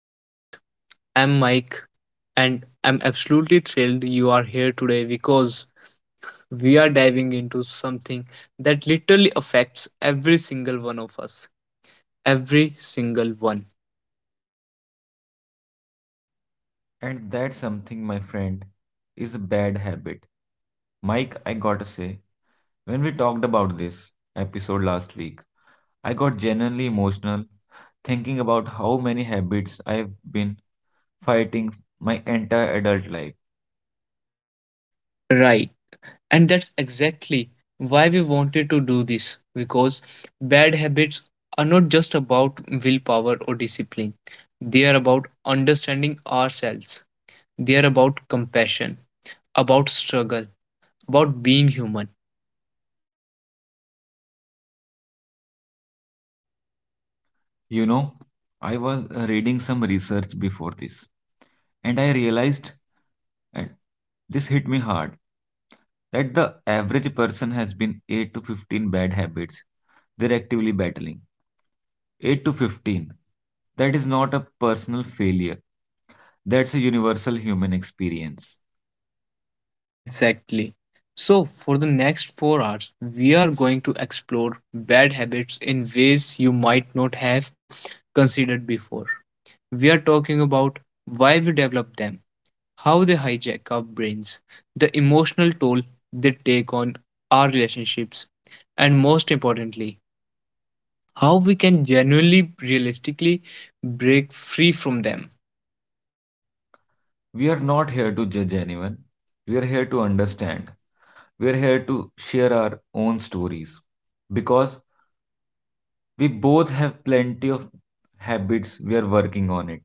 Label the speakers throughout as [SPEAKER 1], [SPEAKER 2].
[SPEAKER 1] podcast. I'm Mike and I'm absolutely thrilled you are here today because we are diving into something that literally affects every single one of us. Every single one.
[SPEAKER 2] And that's something, my friend, is a bad habit. Mike, I gotta say, when we talked about this episode last week, I got genuinely emotional thinking about how many habits I've been fighting my entire adult life.
[SPEAKER 1] Right. And that's exactly why we wanted to do this because bad habits are not just about willpower or discipline, they are about understanding ourselves, they are about compassion about struggle, about being human.
[SPEAKER 2] You know, I was reading some research before this, and I realized, and this hit me hard, that the average person has been 8 to 15 bad habits they're actively battling. 8 to 15. That is not a personal failure. That's a universal human experience.
[SPEAKER 1] Exactly. So, for the next 4 hours, we are going to explore bad habits in ways you might not have considered before. We are talking about why we develop them, how they hijack our brains, the emotional toll they take on our relationships, and most importantly, how we can genuinely, realistically break free from them.
[SPEAKER 2] We are not here to judge anyone. We are here to understand. We are here to share our own stories. Because we both have plenty of habits, we are working on it.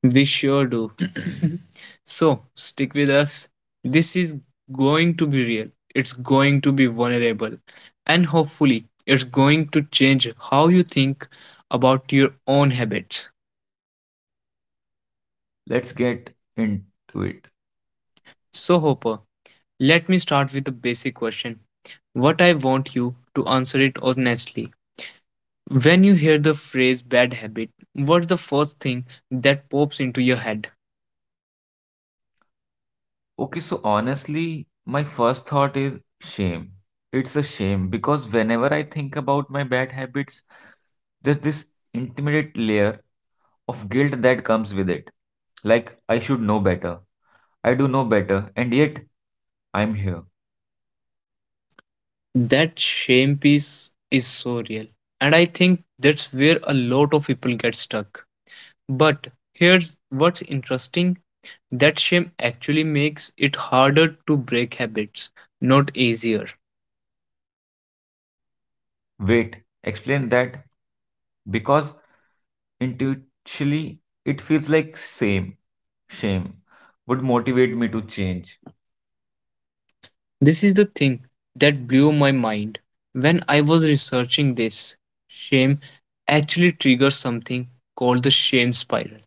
[SPEAKER 1] We sure do. So stick with us. This is going to be real, it's going to be vulnerable, and hopefully, it's going to change how you think about your own habits.
[SPEAKER 2] Let's get into it.
[SPEAKER 1] So, Hopper, let me start with the basic question. What I want you to answer it honestly. When you hear the phrase bad habit, what's the first thing that pops into your head?
[SPEAKER 2] Okay, so honestly, my first thought is shame. It's a shame because whenever I think about my bad habits, there's this intimidate layer of guilt that comes with it. Like, I should know better. I do know better, and yet I'm here.
[SPEAKER 1] That shame piece is so real. And I think that's where a lot of people get stuck. But here's what's interesting that shame actually makes it harder to break habits, not easier.
[SPEAKER 2] Wait, explain that because intuitively it feels like same shame would motivate me to change.
[SPEAKER 1] This is the thing that blew my mind when I was researching this. Shame actually triggers something called the shame spiral.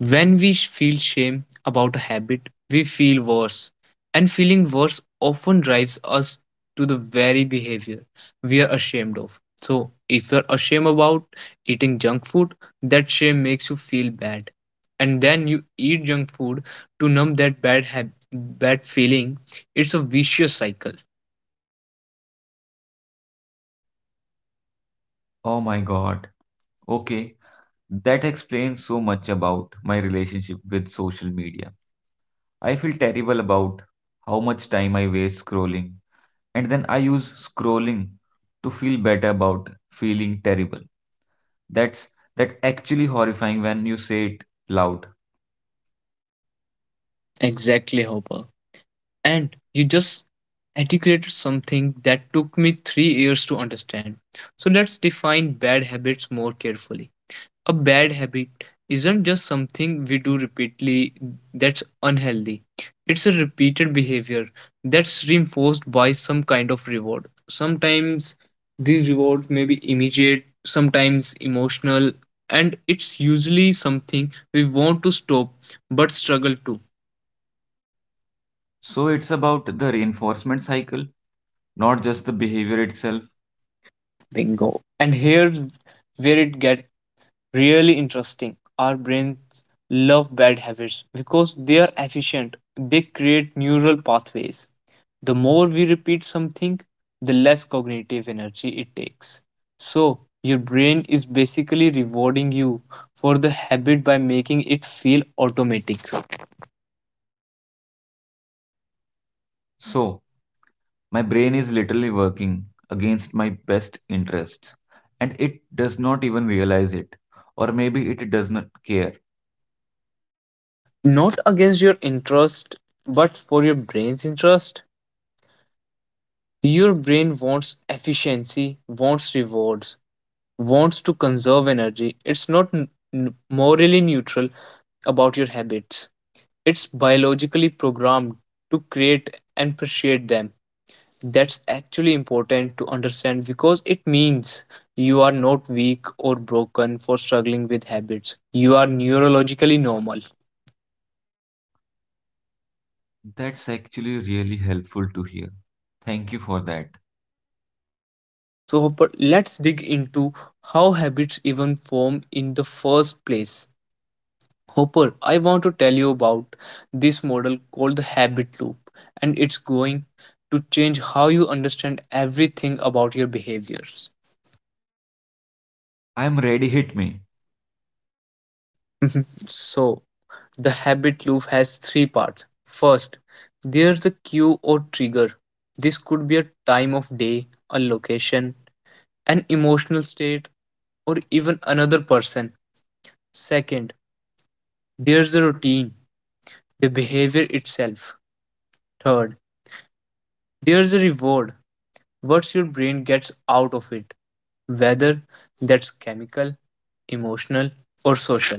[SPEAKER 1] When we feel shame about a habit, we feel worse. And feeling worse often drives us to the very behavior we are ashamed of. So, if you're ashamed about eating junk food, that shame makes you feel bad. And then you eat junk food to numb that bad feeling. It's a vicious cycle.
[SPEAKER 2] Oh my god. Okay, that explains so much about my relationship with social media. I feel terrible about how much time I waste scrolling, and then I use scrolling to feel better about feeling terrible. That's that actually horrifying when you say it loud.
[SPEAKER 1] Exactly, Hopper. And you just articulated something that took me 3 years to understand. So let's define bad habits more carefully. A bad habit isn't just something we do repeatedly that's unhealthy, it's a repeated behavior that's reinforced by some kind of reward. Sometimes these rewards may be immediate, sometimes emotional, and it's usually something we want to stop but struggle to.
[SPEAKER 2] So it's about the reinforcement cycle, not just the behavior itself.
[SPEAKER 1] Bingo. And here's where it gets really interesting. Our brains love bad habits because they are efficient, they create neural pathways. The more we repeat something, the less cognitive energy it takes. So, your brain is basically rewarding you for the habit by making it feel automatic.
[SPEAKER 2] So my brain is literally working against my best interests and it does not even realize it. Or maybe it does not care.
[SPEAKER 1] Not against your interest, but for your brain's interest. Your brain wants efficiency, wants rewards, wants to conserve energy. It's not morally neutral about your habits. It's biologically programmed to create and appreciate them. That's actually important to understand because it means you are not weak or broken for struggling with habits. You are neurologically normal.
[SPEAKER 2] That's actually really helpful to hear. Thank you for that.
[SPEAKER 1] So, but let's dig into how habits even form in the first place. Hopper, I want to tell you about this model called the habit loop, and it's going to change how you understand everything about your behaviors.
[SPEAKER 2] I am ready, hit me.
[SPEAKER 1] So, the habit loop has three parts. First, there's the cue or trigger. This could be a time of day, a location, an emotional state, or even another person. Second, there's the routine, the behavior itself. Third, there's a reward, what your brain gets out of it whether that's chemical, emotional, or social.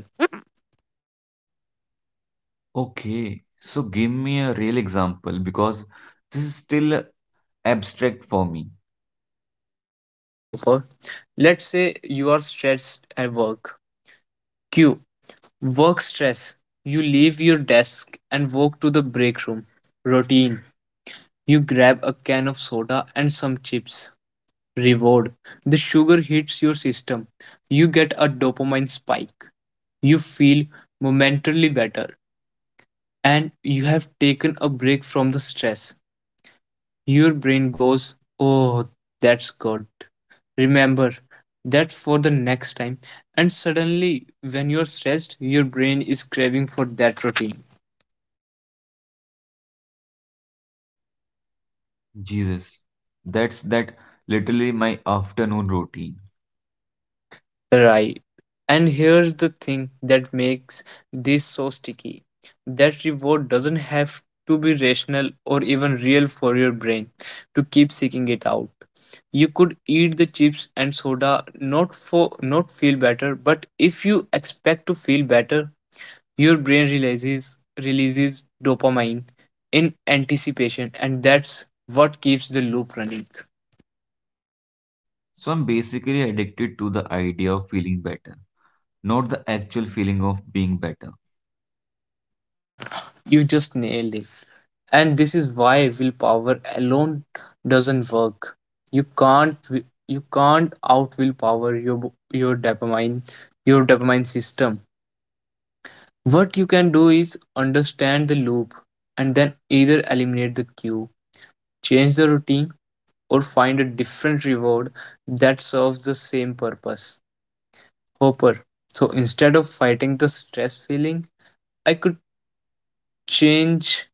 [SPEAKER 2] Okay, so give me a real example because this is still abstract for me.
[SPEAKER 1] Sure, Hopper. Let's say you are stressed at work. Q. Work stress. You leave your desk and walk to the break room. Routine. You grab a can of soda and some chips. Reward. The sugar hits your system. You get a dopamine spike. You feel momentarily better. And you have taken a break from the stress. Your brain goes, "Oh, that's good. Remember that for the next time." And suddenly, when you're stressed, your brain is craving for that routine.
[SPEAKER 2] Jesus, that's that literally my afternoon routine.
[SPEAKER 1] Right. And here's the thing that makes this so sticky that reward doesn't have to be rational or even real for your brain to keep seeking it out. You could eat the chips and soda not for not feel better, but if you expect to feel better, your brain realizes releases dopamine in anticipation, and that's what keeps the loop running.
[SPEAKER 2] So I'm basically addicted to the idea of feeling better, not the actual feeling of being better.
[SPEAKER 1] Yeah, you just nailed it. And this is why willpower alone doesn't work. You can't wi- you can't out willpower your dopamine your dopamine system. What you can do is understand the loop and then either eliminate the cue, change the routine, or find a different reward that serves the same purpose. Hopper. So instead of fighting the stress feeling, I could change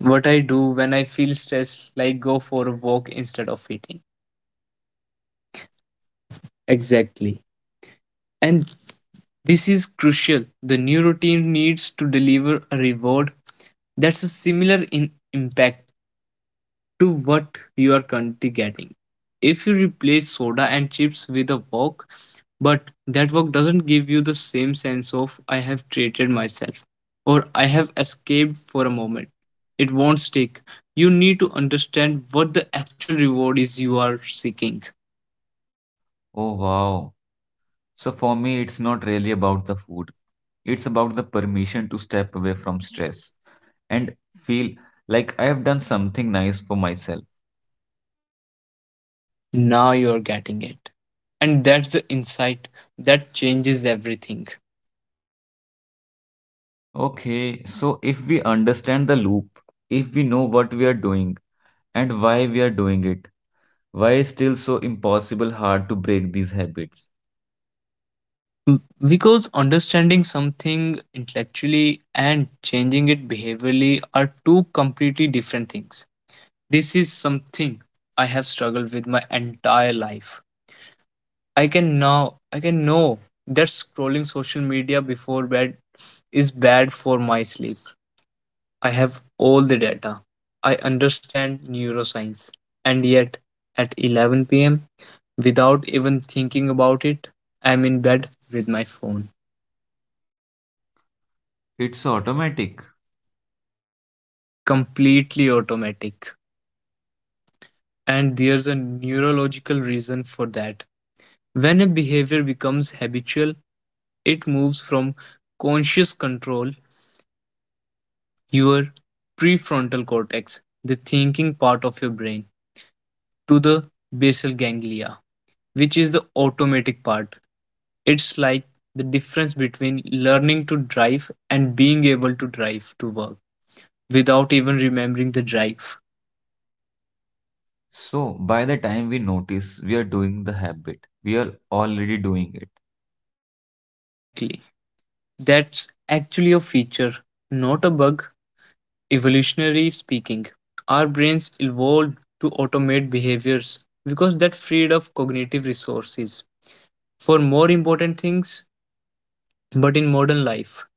[SPEAKER 1] what I do when I feel stressed, like go for a walk instead of eating. Exactly. And this is crucial. The new routine needs to deliver a reward that's a similar in impact to what your country getting. If you replace soda and chips with a wok, but that wok doesn't give you the same sense of I have treated myself or I have escaped for a moment. It won't stick. You need to understand what the actual reward is you are seeking.
[SPEAKER 2] Oh wow. So for me, it's not really about the food. It's about the permission to step away from stress and feel like I have done something nice for myself.
[SPEAKER 1] Now you are getting it. And that's the insight that changes everything.
[SPEAKER 2] Okay, so if we understand the loop, if we know what we are doing and why we are doing it, why is still so impossible hard to break these habits?
[SPEAKER 1] B- Because understanding something intellectually and changing it behaviorally are two completely different things. This is something I have struggled with my entire life. I can Now I can know that scrolling social media before bed is bad for my sleep. I have all the data. I understand neuroscience. And yet at 11 p.m. without even thinking about it, I'm in bed with my phone.
[SPEAKER 2] It's automatic.
[SPEAKER 1] Completely automatic. And there's a neurological reason for that. When a behavior becomes habitual, it moves from conscious control, your prefrontal cortex, the thinking part of your brain, to the basal ganglia, which is the automatic part. It's like the difference between learning to drive and being able to drive to work without even remembering the drive.
[SPEAKER 2] So by the time we notice we are doing the habit, we are already doing it.
[SPEAKER 1] Exactly. That's actually a feature, not a bug. Evolutionary speaking, our brains evolved to automate behaviors because that freed up cognitive resources for more important things. But in modern life,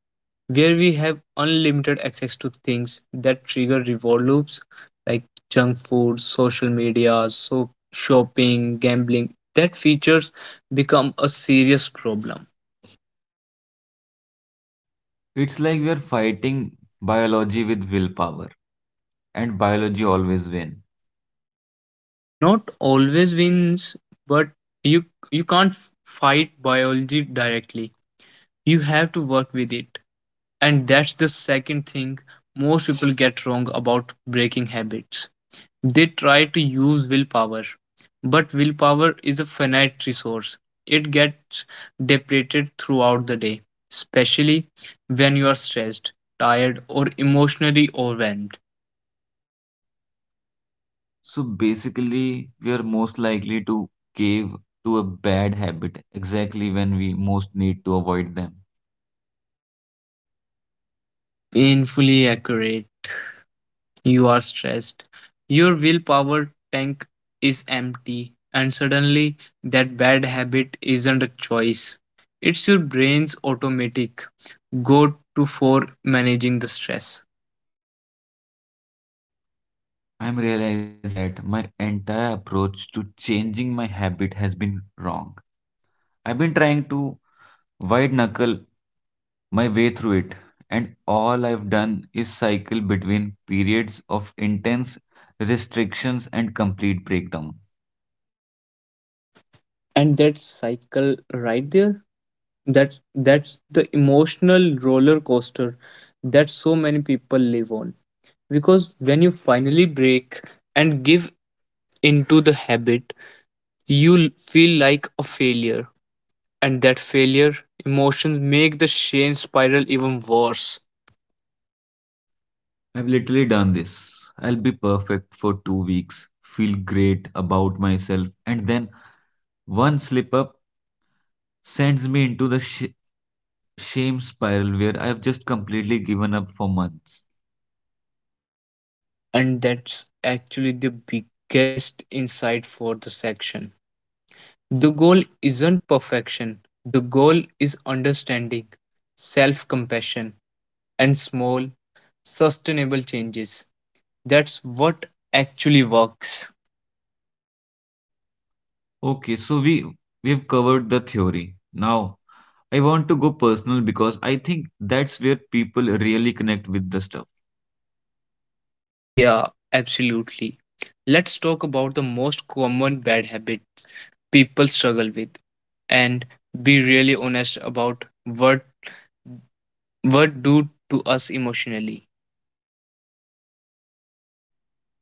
[SPEAKER 1] where we have unlimited access to things that trigger reward loops like junk food, social media, so shopping, gambling, that features become a serious problem.
[SPEAKER 2] It's like we are fighting biology with willpower, and biology always win.
[SPEAKER 1] Not always wins, but you you can't fight biology directly. You have to work with it. And that's the second thing most people get wrong about breaking habits. They try to use willpower, but willpower is a finite resource. It gets depleted throughout the day, especially when you are stressed, tired or emotionally overwhelmed.
[SPEAKER 2] So basically, we are most likely to cave to a bad habit exactly when we most need to avoid them.
[SPEAKER 1] Painfully accurate. You are stressed. Your willpower tank is empty, and suddenly that bad habit isn't a choice. It's your brain's automatic go to for managing the stress.
[SPEAKER 2] I'm realizing that my entire approach to changing my habit has been wrong. I've been trying to white knuckle my way through it, and all I've done is cycle between periods of intense restrictions and complete breakdown.
[SPEAKER 1] And that cycle right there, that's the emotional roller coaster that so many people live on. Because when you finally break and give into the habit, you feel like a failure, and that failure emotions make the shame spiral even worse.
[SPEAKER 2] I've literally done this. I'll be perfect for 2 weeks, feel great about myself, and then one slip up sends me into the shame spiral where I've just completely given up for months.
[SPEAKER 1] And that's actually the biggest insight for the section. The goal isn't perfection. The goal is understanding, self compassion, and small sustainable changes. That's what actually works.
[SPEAKER 2] Okay, so we've covered the theory. Now I want to go personal because I think that's where people really connect with the stuff.
[SPEAKER 1] Yeah, absolutely. Let's talk about the most common bad habit people struggle with, and be really honest about what do to us emotionally.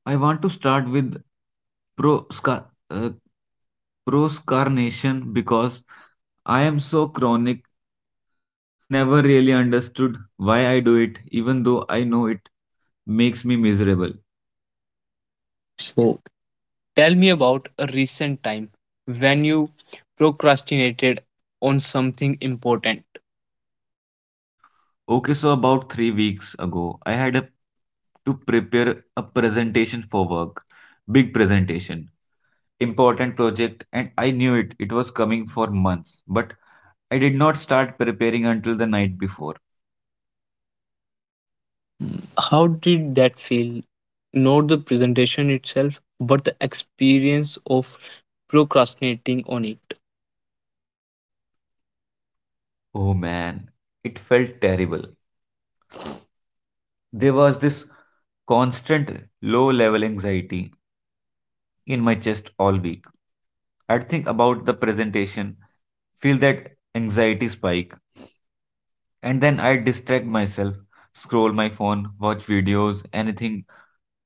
[SPEAKER 2] I want to start with prosca uh, proscarnation because I am so chronic. I've never really understood why I do it, even though I know it makes me miserable.
[SPEAKER 1] So tell me about a recent time when you procrastinated on something important.
[SPEAKER 2] Okay, so about 3 weeks ago, I had a to prepare a presentation for work, big presentation. Important project and I knew it. It was coming for months, but I did not start preparing until the night before.
[SPEAKER 1] How did that feel? Not the presentation itself, but the experience of procrastinating on it.
[SPEAKER 2] Oh man, it felt terrible. There was this constant low level anxiety in my chest all week. I'd think about the presentation, feel that anxiety spike, and then I'd distract myself, scroll my phone, watch videos, anything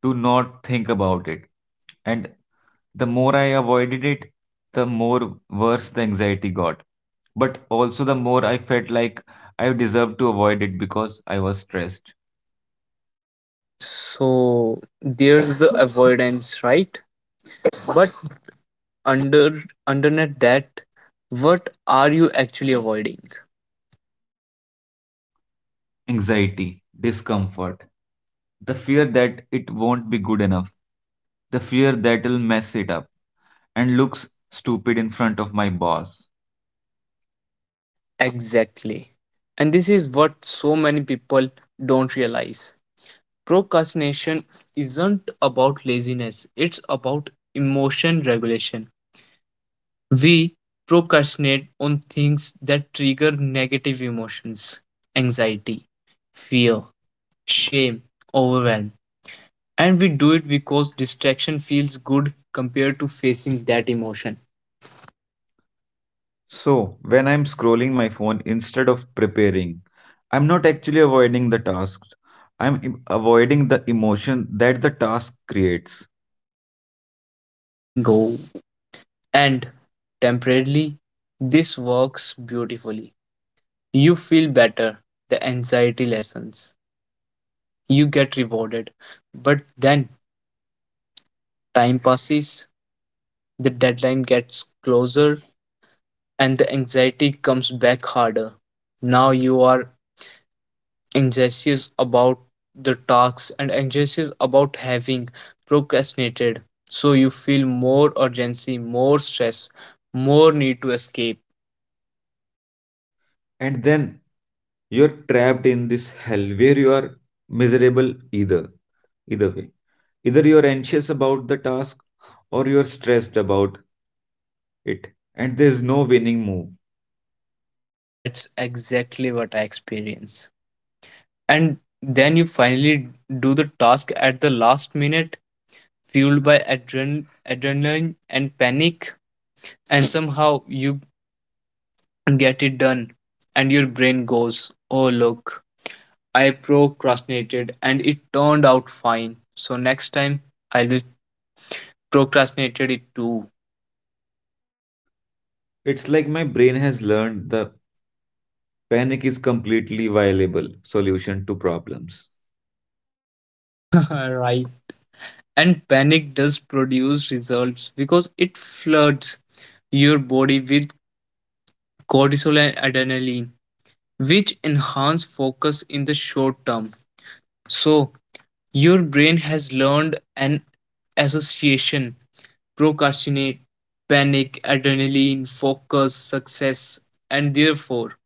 [SPEAKER 2] to not think about it. And the more I avoided it, the more worse the anxiety got. But also, the more I felt like I deserved to avoid it because I was stressed.
[SPEAKER 1] So there's the avoidance, right? But under underneath that, what are you actually avoiding?
[SPEAKER 2] Anxiety, discomfort, the fear that it won't be good enough, the fear that it'll mess it up and looks stupid in front of my boss.
[SPEAKER 1] Exactly. And this is what so many people don't realize. Procrastination isn't about laziness, it's about emotion regulation. We procrastinate on things that trigger negative emotions, anxiety, fear, shame, overwhelm. And we do it because distraction feels good compared to facing that emotion.
[SPEAKER 2] So, when I'm scrolling my phone instead of preparing, I'm not actually avoiding the task. Avoiding the emotion that the task creates.
[SPEAKER 1] Bingo. And temporarily, this works beautifully. You feel better, the anxiety lessens, you get rewarded. But then time passes, the deadline gets closer, and the anxiety comes back harder. Now you are anxious about the tasks and anxious about having procrastinated. So you feel more urgency, more stress, more need to escape.
[SPEAKER 2] And then you're trapped in this hell where you are miserable either way, either you're anxious about the task or you're stressed about it, and there's no winning move.
[SPEAKER 1] That's exactly what I experience. And then you finally do the task at the last minute fueled by adrenaline and panic, and somehow you get it done, and your brain goes, "Oh, look, I procrastinated and it turned out fine. So next time I'll be procrastinated it too."
[SPEAKER 2] It's like my brain has learned the panic is completely viable solution to problems.
[SPEAKER 1] Right. And panic does produce results because it floods your body with cortisol and adrenaline, which enhance focus in the short term. So, your brain has learned an association: procrastinate, panic, adrenaline, focus, success, and therefore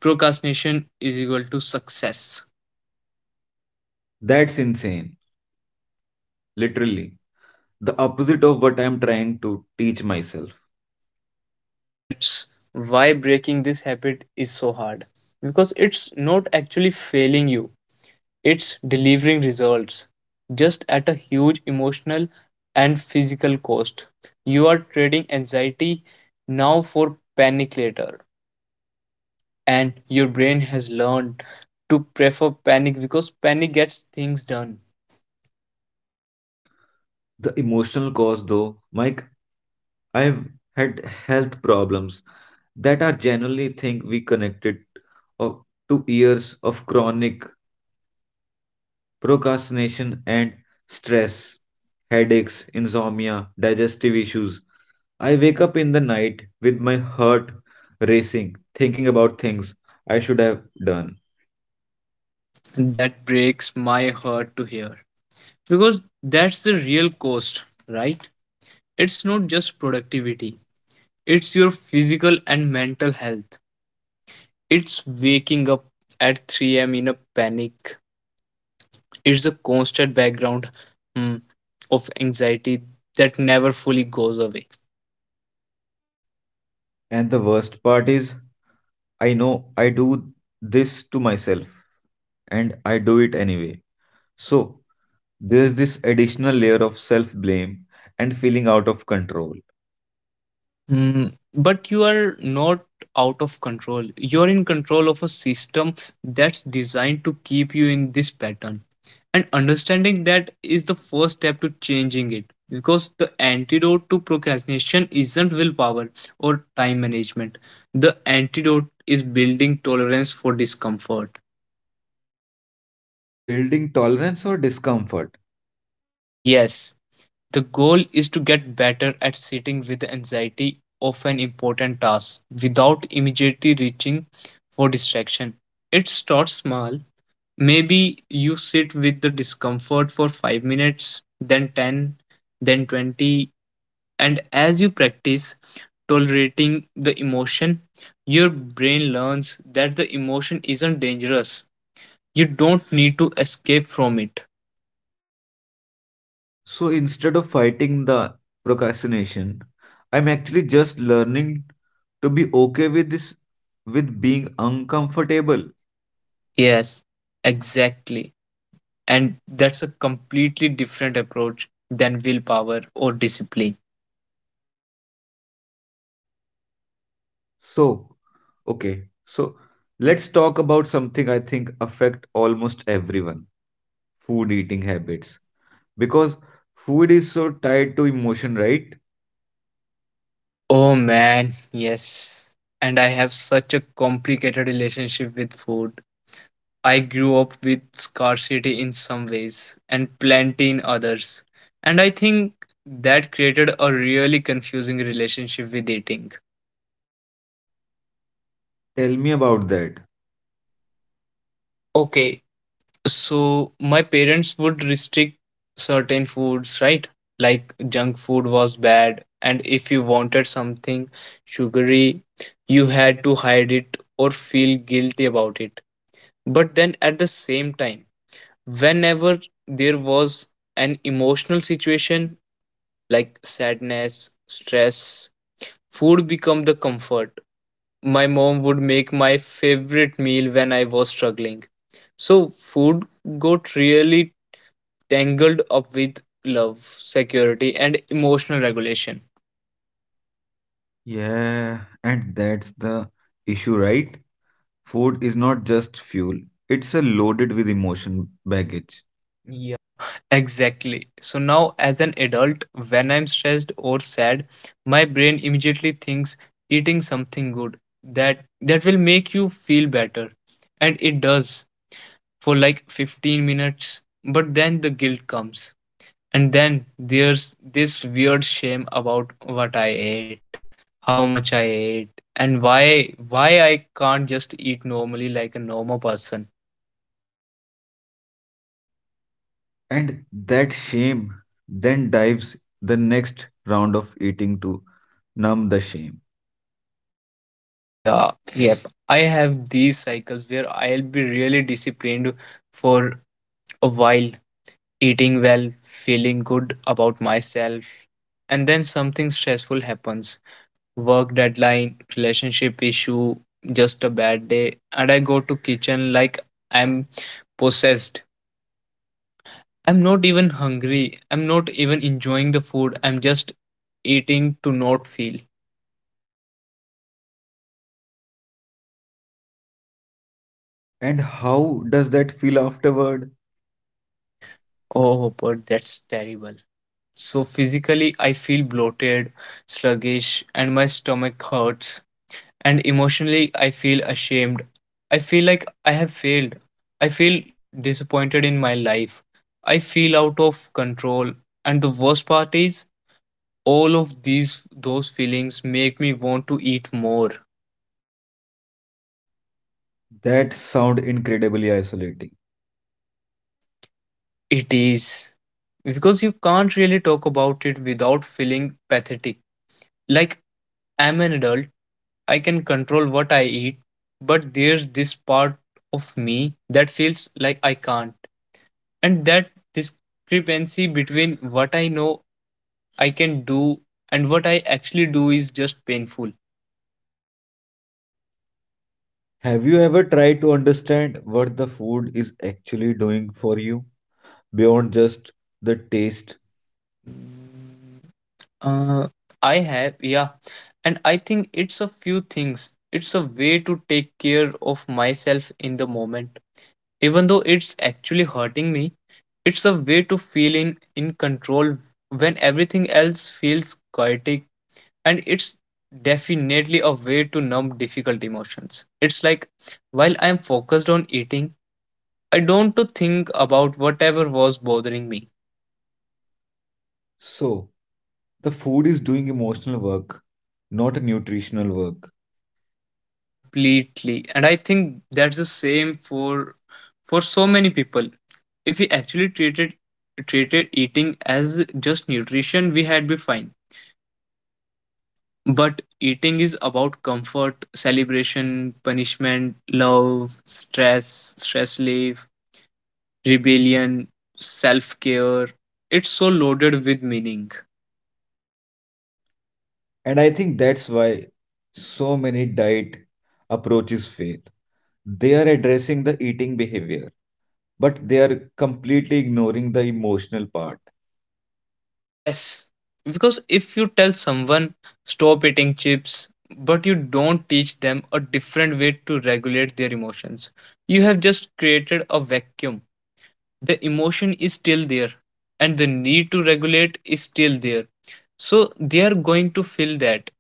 [SPEAKER 1] procrastination is equal to success.
[SPEAKER 2] That's insane, literally the opposite of what I'm trying to teach myself.
[SPEAKER 1] And that's why breaking this habit is so hard because it's not actually failing you, it's delivering results just at a huge emotional and physical cost. You are trading anxiety now for panic later. And your brain has learned to prefer panic because panic gets things done.
[SPEAKER 2] The emotional cause though, Mike, I've had health problems that are generally think we connected of, to years of chronic procrastination and stress, headaches, insomnia, digestive issues. I wake up in the night with my heart racing, thinking about things I should have done.
[SPEAKER 1] That breaks my heart to hear because that's the real cost, right? It's not just productivity, it's your physical and mental health. It's waking up at 3 a.m. in a panic, it's a constant background hmm, of anxiety that never fully goes away.
[SPEAKER 2] And the worst part is, I know I do this to myself and I do it anyway. So, there's this additional layer of self blame and feeling out of control,
[SPEAKER 1] Mm, but you are not out of control. You're in control of a system that's designed to keep you in this pattern. And understanding that is the first step to changing it. Because the antidote to procrastination isn't willpower or time management. The antidote is building tolerance for discomfort.
[SPEAKER 2] building tolerance or discomfort.
[SPEAKER 1] Yes, the goal is to get better at sitting with the anxiety of an important task without immediately reaching for distraction. It starts small. Maybe you sit with the discomfort for 5 minutes, then 10, then 20, and as you practice tolerating the emotion, your brain learns that the emotion isn't dangerous. You don't need to escape from it.
[SPEAKER 2] So, instead of fighting the procrastination, I'm actually just learning to be okay with this, with being uncomfortable.
[SPEAKER 1] Yes, exactly. And that's a completely different approach than willpower or discipline.
[SPEAKER 2] So, okay, let's talk about something I think affect almost everyone food eating habits. Because food is so tied to emotion, right?
[SPEAKER 1] Oh man, yes. And I have such a complicated relationship with food. I grew up with scarcity in some ways and plenty in others. And I think that created a really confusing relationship with eating.
[SPEAKER 2] Tell me about that.
[SPEAKER 1] Okay, so my parents would restrict certain foods, right? Like junk food was bad, and if you wanted something sugary, you had to hide it or feel guilty about it. But then at the same time, whenever there was an emotional situation like sadness, stress, food become the comfort. My mom would make my favorite meal when I was struggling. So food got really tangled up with love, security, and emotional regulation.
[SPEAKER 2] Yeah, and that's the issue, right? Food is not just fuel, it's a loaded with emotion baggage. Yeah.
[SPEAKER 1] Yeah, exactly. So now, as an adult, when I'm stressed or sad, my brain immediately thinks eating something good that will make you feel better, and it does for like 15 minutes. But then the guilt comes, and then there's this weird shame about what I ate, how much I ate, and why I can't just eat normally like a normal person.
[SPEAKER 2] And that shame then dives the next round of eating to numb the shame.
[SPEAKER 1] Yeah, yep. I have these cycles where I'll be really disciplined for a while, eating well, feeling good about myself, and then something stressful happens. Work deadline, relationship issue, just a bad day, and I go to kitchen like I'm possessed. I'm not even hungry. I'm not even enjoying the food. I'm just eating to not feel.
[SPEAKER 2] And how does that feel afterward?
[SPEAKER 1] Oh, but that's terrible. So physically, I feel bloated, sluggish, and my stomach hurts. And emotionally, I feel ashamed. I feel like I have failed. I feel disappointed in my life. I feel out of control. And the worst part is, all of these those feelings make me want to eat more.
[SPEAKER 2] That sound incredibly isolating.
[SPEAKER 1] It is, because you can't really talk about it without feeling pathetic. Like, I'm an adult, I can control what I eat, but there's this part of me that feels like I can't. And that discrepancy between what I know I can do and what I actually do is just painful.
[SPEAKER 2] Have you ever tried to understand what the food is actually doing for you beyond just the taste?
[SPEAKER 1] Mm, Uh, I have, yeah. And I think it's a few things. It's a way to take care of myself in the moment, even though it's actually hurting me. It's a way to feeling in control when everything else feels chaotic, and it's definitely a way to numb difficult emotions. It's like while I'm focused on eating, I don't to think about whatever was bothering me.
[SPEAKER 2] So, the food is doing emotional work, not a nutritional work.
[SPEAKER 1] Completely, and I think that's the same for so many people. If we actually treated eating as just nutrition, we had been fine. But eating is about comfort, celebration, punishment, love, stress, stress relief, rebellion, self care. It's so loaded with meaning.
[SPEAKER 2] And I think that's why so many diet approaches fail. They are addressing the eating behavior, but they are completely ignoring the emotional part.
[SPEAKER 1] Yes, because if you tell someone stop eating chips, but you don't teach them a different way to regulate their emotions, you have just created a vacuum. The emotion is still there, and the need to regulate is still there. So they are going to feel that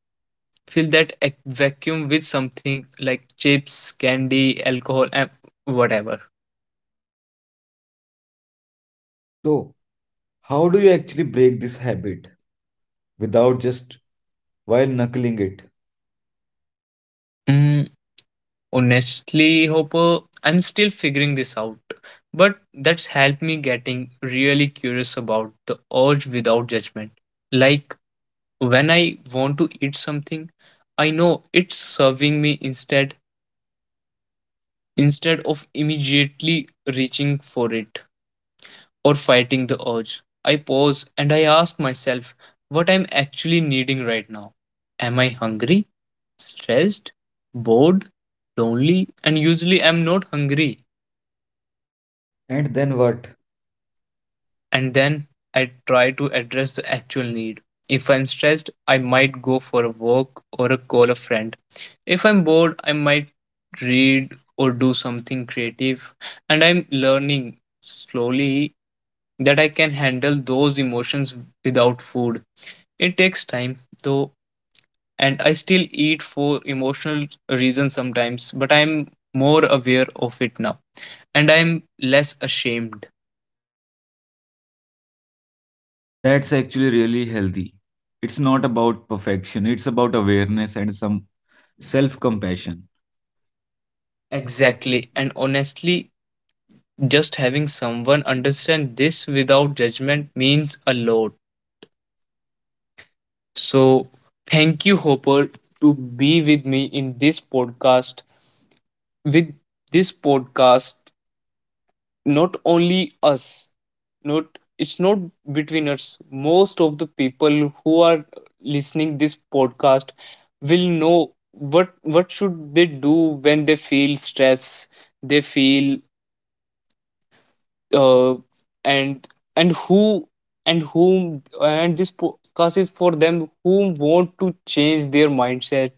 [SPEAKER 1] fill that vacuum with something like chips, candy, alcohol, and whatever.
[SPEAKER 2] So, how do you actually break this habit without just while knuckling it?
[SPEAKER 1] Mm, honestly, Hopper, I'm still figuring this out, but that's helped me getting really curious about the urge without judgment. Like when I want to eat something, I know it's serving me instead of immediately reaching for it, or fighting the urge. I pause and I ask myself what I'm actually needing right now. Am I hungry, stressed, bored, lonely? And usually I'm not hungry.
[SPEAKER 2] And then what?
[SPEAKER 1] And then I try to address the actual need. If I'm stressed, I might go for a walk or a call a friend. If I'm bored, I might read or do something creative. And I'm learning slowly that I can handle those emotions without food. It takes time though, and I still eat for emotional reasons sometimes, but I'm more aware of it now and I'm less ashamed.
[SPEAKER 2] That's actually really healthy. It's not about perfection, it's about awareness and some self compassion. Exactly.
[SPEAKER 1] Exactly. And honestly, just having someone understand this without judgment means a lot. So thank you, Hopper, to be with me in this podcast. With this podcast, not only us, not it's not between us. Most of the people who are listening this podcast will know what should they do when they feel stress, they feel uh, and and who and whom. And this podcast is for them who want to change their mindset,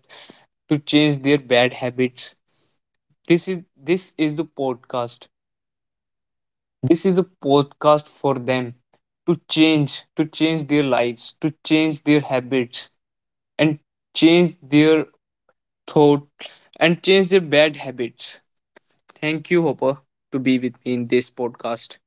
[SPEAKER 1] to change their bad habits. This is the podcast. This is a podcast for them to change their lives, to change their habits, and change their thought, and change their bad habits. Thank you, Hopper, to be with me in this podcast.